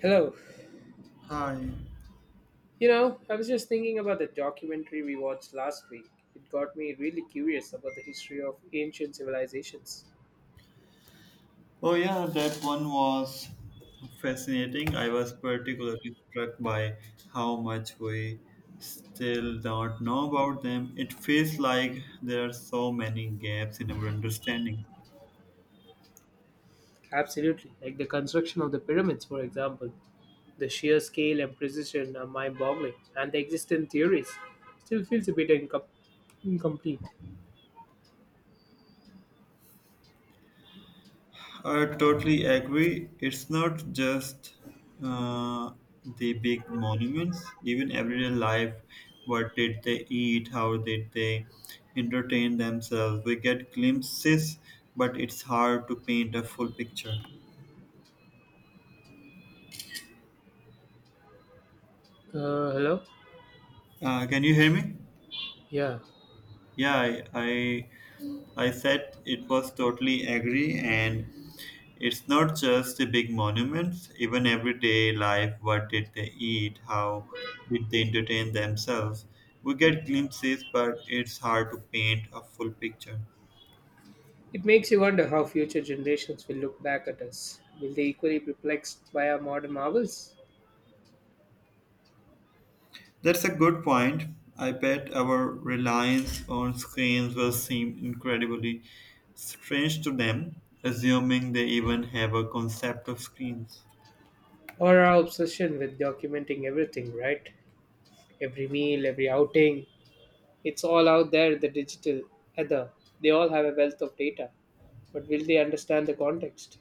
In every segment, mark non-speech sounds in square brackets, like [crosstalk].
Hello. Hi. You know, I was just thinking about the documentary we watched last week. It got me really curious about the history of ancient civilizations. Oh, yeah, that one was fascinating. I was particularly struck by how much we still don't know about them. It feels like there are so many gaps in our understanding. Absolutely. Like the construction of the pyramids, for example. The sheer scale and precision are mind boggling, and the existing theories still feels a bit incomplete. I totally agree. It's not just uh, the big monuments, even everyday life. What did they eat? How did they entertain themselves? We get glimpses, but it's hard to paint a full picture. Hello? Can you hear me? Yeah. Yeah, I said it was totally agree, and it's not just the big monuments. Even everyday life, what did they eat? How did they entertain themselves? We get glimpses, but it's hard to paint a full picture. It makes you wonder how future generations will look back at us. Will they equally perplexed by our modern marvels? That's a good point. I bet our reliance on screens will seem incredibly strange to them, assuming they even have a concept of screens. Or our obsession with documenting everything, right? Every meal, every outing, it's all out there, the digital, ether. They all have a wealth of data. But will they understand the context?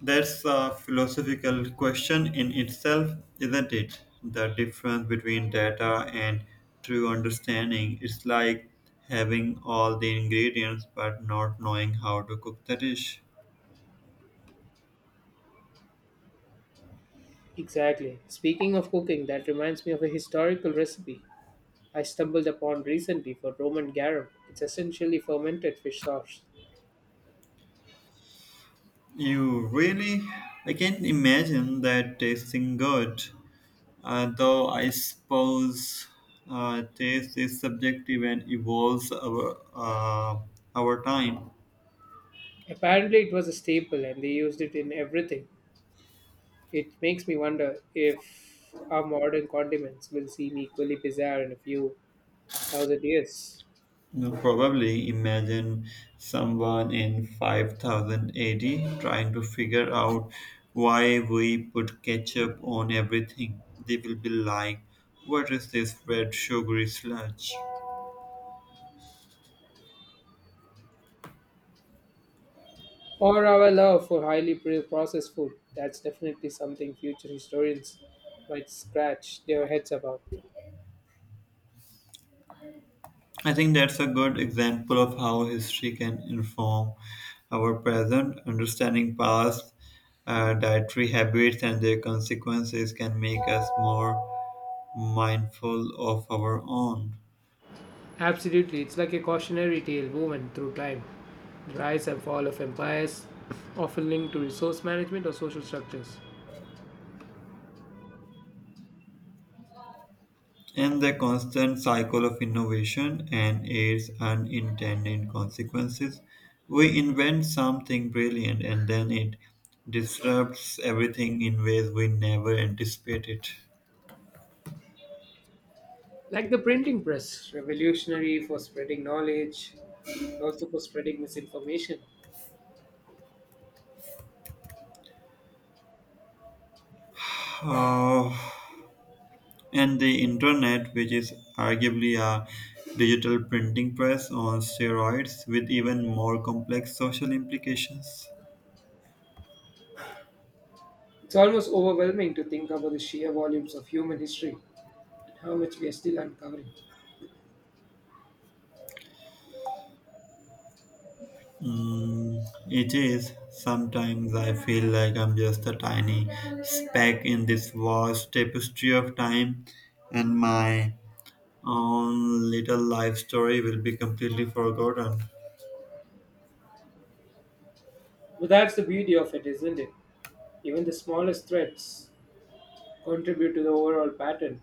That's a philosophical question in itself, isn't it? The difference between data and true understanding is like having all the ingredients but not knowing how to cook the dish. Exactly. Speaking of cooking, that reminds me of a historical recipe I stumbled upon recently for Roman garum. It's essentially fermented fish sauce. You really, I can't imagine that tasting good, though I suppose taste is subjective and evolves over, over time. Apparently, it was a staple and they used it in everything. It makes me wonder if our modern condiments will seem equally bizarre in a few thousand years. Now, probably imagine someone in 5000 AD trying to figure out why we put ketchup on everything. They will be like, what is this red sugary sludge? Or our love for highly processed food. That's definitely something future historians might scratch their heads about. I think that's a good example of how history can inform our present. Understanding past dietary habits and their consequences can make us more mindful of our own. Absolutely, it's like a cautionary tale woven through time. The rise and fall of empires, often linked to resource management or social structures. And the constant cycle of innovation and its unintended consequences. We invent something brilliant and then it disrupts everything in ways we never anticipated. Like the printing press, revolutionary for spreading knowledge, but also for spreading misinformation. [sighs] Oh, and the internet, which is arguably a digital printing press on steroids with even more complex social implications. It's almost overwhelming to think about the sheer volumes of human history and how much we are still uncovering. Mm, it is. Sometimes I feel like I'm just a tiny speck in this vast tapestry of time, and my own little life story will be completely forgotten. But that's the beauty of it, isn't it? Even the smallest threats contribute to the overall pattern.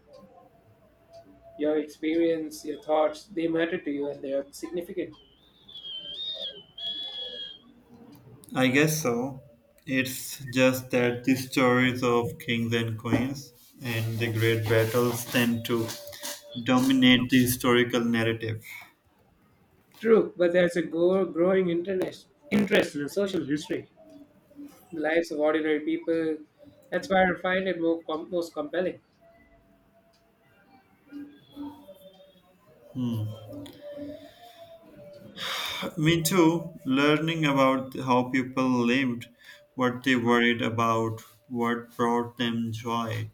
Your experience, your thoughts, they matter to you and they are significant. I guess so. It's just that the stories of kings and queens and the great battles tend to dominate the historical narrative. True, but there's a interest in social history, the lives of ordinary people. That's why I find it most compelling. Me too. Learning about how people lived, what they worried about, what brought them joy,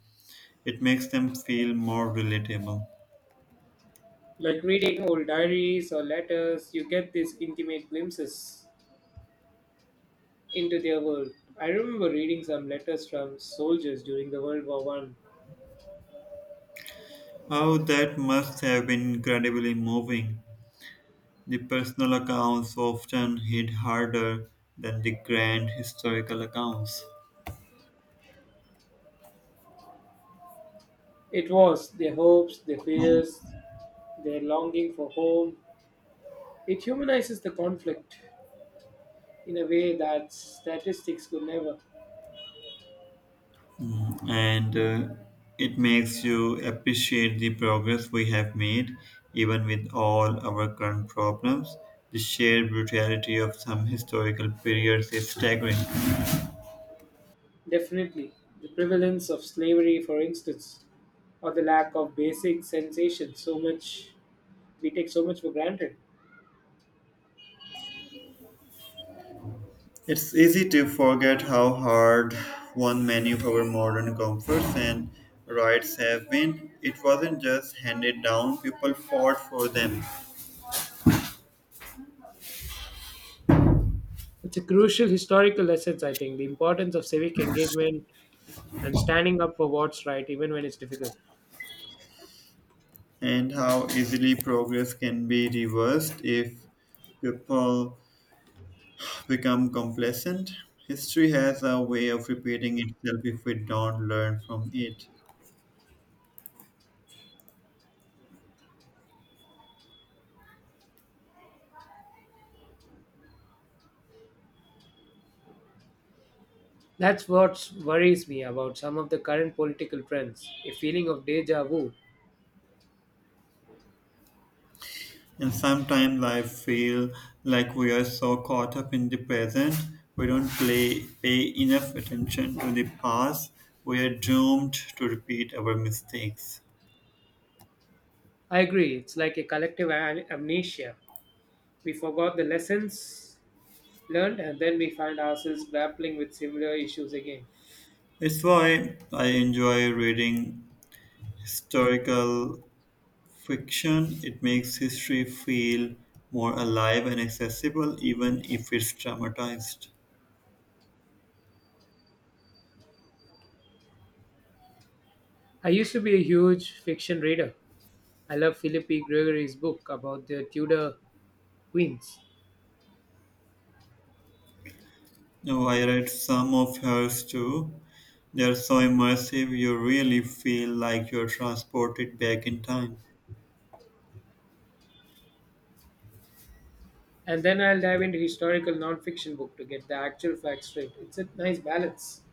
it makes them feel more relatable. Like reading old diaries or letters, you get these intimate glimpses into their world. I remember reading some letters from soldiers during the World War I. Oh, that must have been incredibly moving. The personal accounts often hit harder than the grand historical accounts. It was their hopes, their fears, their longing for home, it humanizes the conflict in a way that statistics could never. And it makes you appreciate the progress we have made, even with all our current problems. The sheer brutality of some historical periods is staggering. Definitely, the prevalence of slavery, for instance, or the lack of basic sensation, so much we take so much for granted. It's easy to forget how hard one many of our modern comforts and rights have been. It wasn't just handed down, people fought for them. It's a crucial historical lesson, I think, the importance of civic engagement and standing up for what's right, even when it's difficult. And how easily progress can be reversed if people become complacent. History has a way of repeating itself if we don't learn from it. That's what worries me about some of the current political trends, a feeling of deja vu. And sometimes I feel like we are so caught up in the present, we don't pay enough attention to the past. We are doomed to repeat our mistakes. I agree. It's like a collective amnesia. We forgot the lessons learned and then we find ourselves grappling with similar issues again. It's why I enjoy reading historical fiction. It makes history feel more alive and accessible, even if it's traumatized. I used to be a huge fiction reader. I love Philippi Gregory's book about the Tudor queens. Oh, I read some of hers too. They're so immersive, you really feel like you're transported back in time. And then I'll dive into historical non-fiction book to get the actual facts straight. It's a nice balance.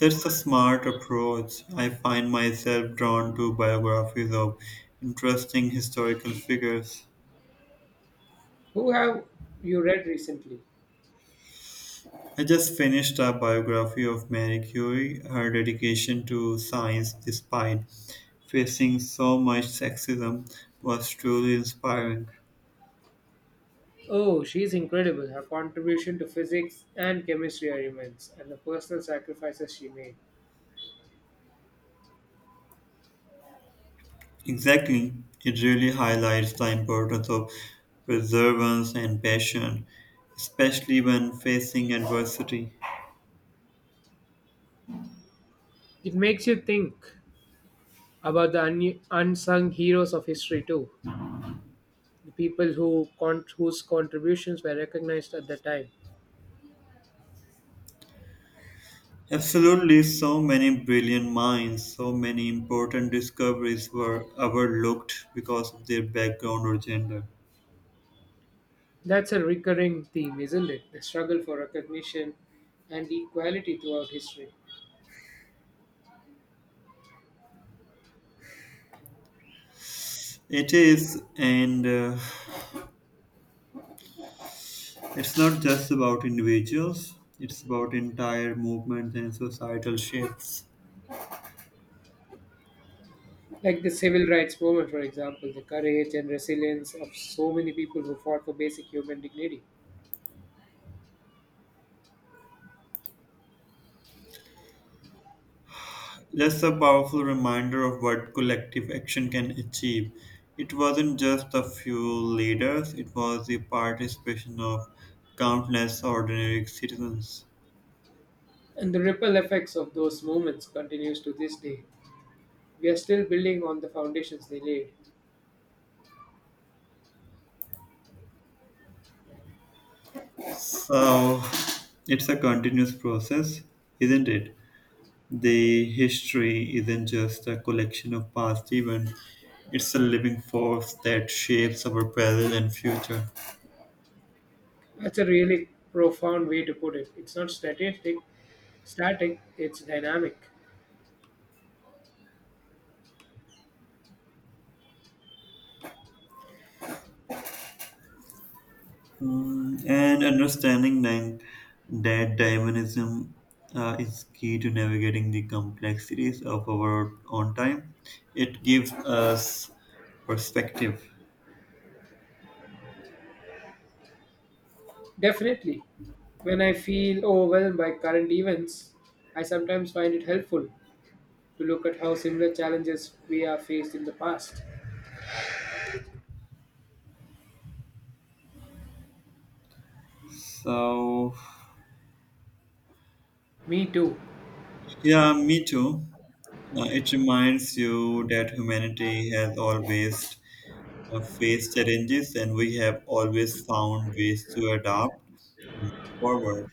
That's a smart approach. I find myself drawn to biographies of interesting historical figures. Who have you read recently? I just finished a biography of Marie Curie, her dedication to science despite facing so much sexism was truly inspiring. Oh, she's incredible. Her contribution to physics and chemistry are immense, and the personal sacrifices she made. Exactly. It really highlights the importance of perseverance and passion, especially when facing adversity. It makes you think about the unsung heroes of history too, the people whose contributions were recognized at the time. Absolutely, so many brilliant minds, so many important discoveries were overlooked because of their background or gender. That's a recurring theme, isn't it? The struggle for recognition and equality throughout history. It is, and it's not just about individuals, it's about entire movements and societal shifts. Like the civil rights movement, for example, the courage and resilience of so many people who fought for basic human dignity. That's a powerful reminder of what collective action can achieve. It wasn't just a few leaders, it was the participation of countless ordinary citizens. And the ripple effects of those movements continues to this day. We are still building on the foundations they laid. So it's a continuous process, isn't it? The history isn't just a collection of past events, it's a living force that shapes our present and future. That's a really profound way to put it. It's not statistic, static, it's dynamic. Mm, and understanding then that Darwinism is key to navigating the complexities of our own time. It gives us perspective. Definitely. When I feel overwhelmed by current events, I sometimes find it helpful to look at how similar challenges we have faced in the past. So, Me too. yeah, me too. It reminds you that humanity has always faced challenges and we have always found ways to adapt forward.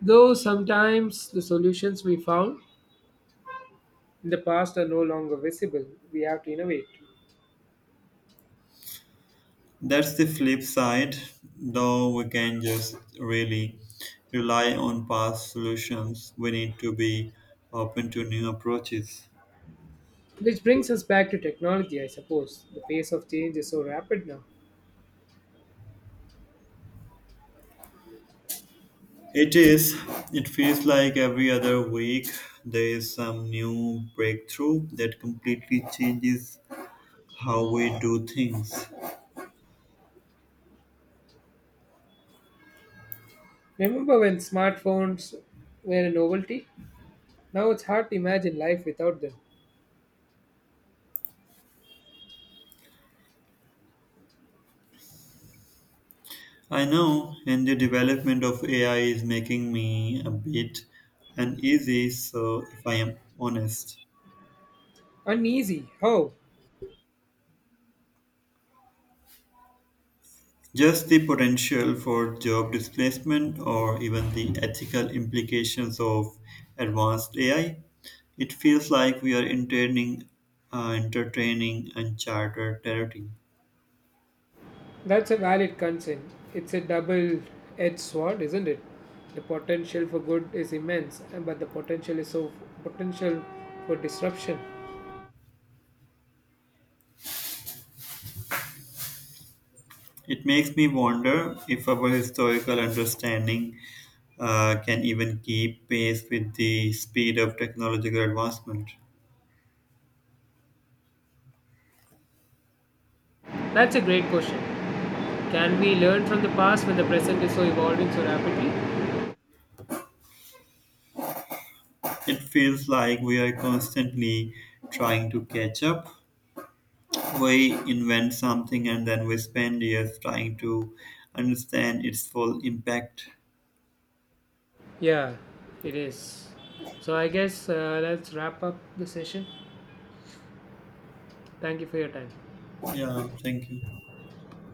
Though sometimes the solutions we found in the past are no longer visible, we have to innovate. That's the flip side, though we can just really rely on past solutions. We need to be open to new approaches. Which brings us back to technology, I suppose. The pace of change is so rapid now. It is. It feels like every other week there is some new breakthrough that completely changes how we do things. Remember when smartphones were a novelty? Now it's hard to imagine life without them. I know, and the development of AI is making me a bit uneasy, so if I am honest. Uneasy, how? Just the potential for job displacement or even the ethical implications of advanced AI. It feels like we are entertaining, entertaining uncharted territory. That's a valid concern. It's a double edged sword, isn't it? The potential for good is immense, and but the potential is so potential for disruption. It makes me wonder if our historical understanding can even keep pace with the speed of technological advancement. That's a great question. Can we learn from the past when the present is so evolving so rapidly? It feels like we are constantly trying to catch up. We invent something and then we spend years trying to understand its full impact. Yeah. It is. So I guess let's wrap up the session. Thank you for your time. Yeah, thank you.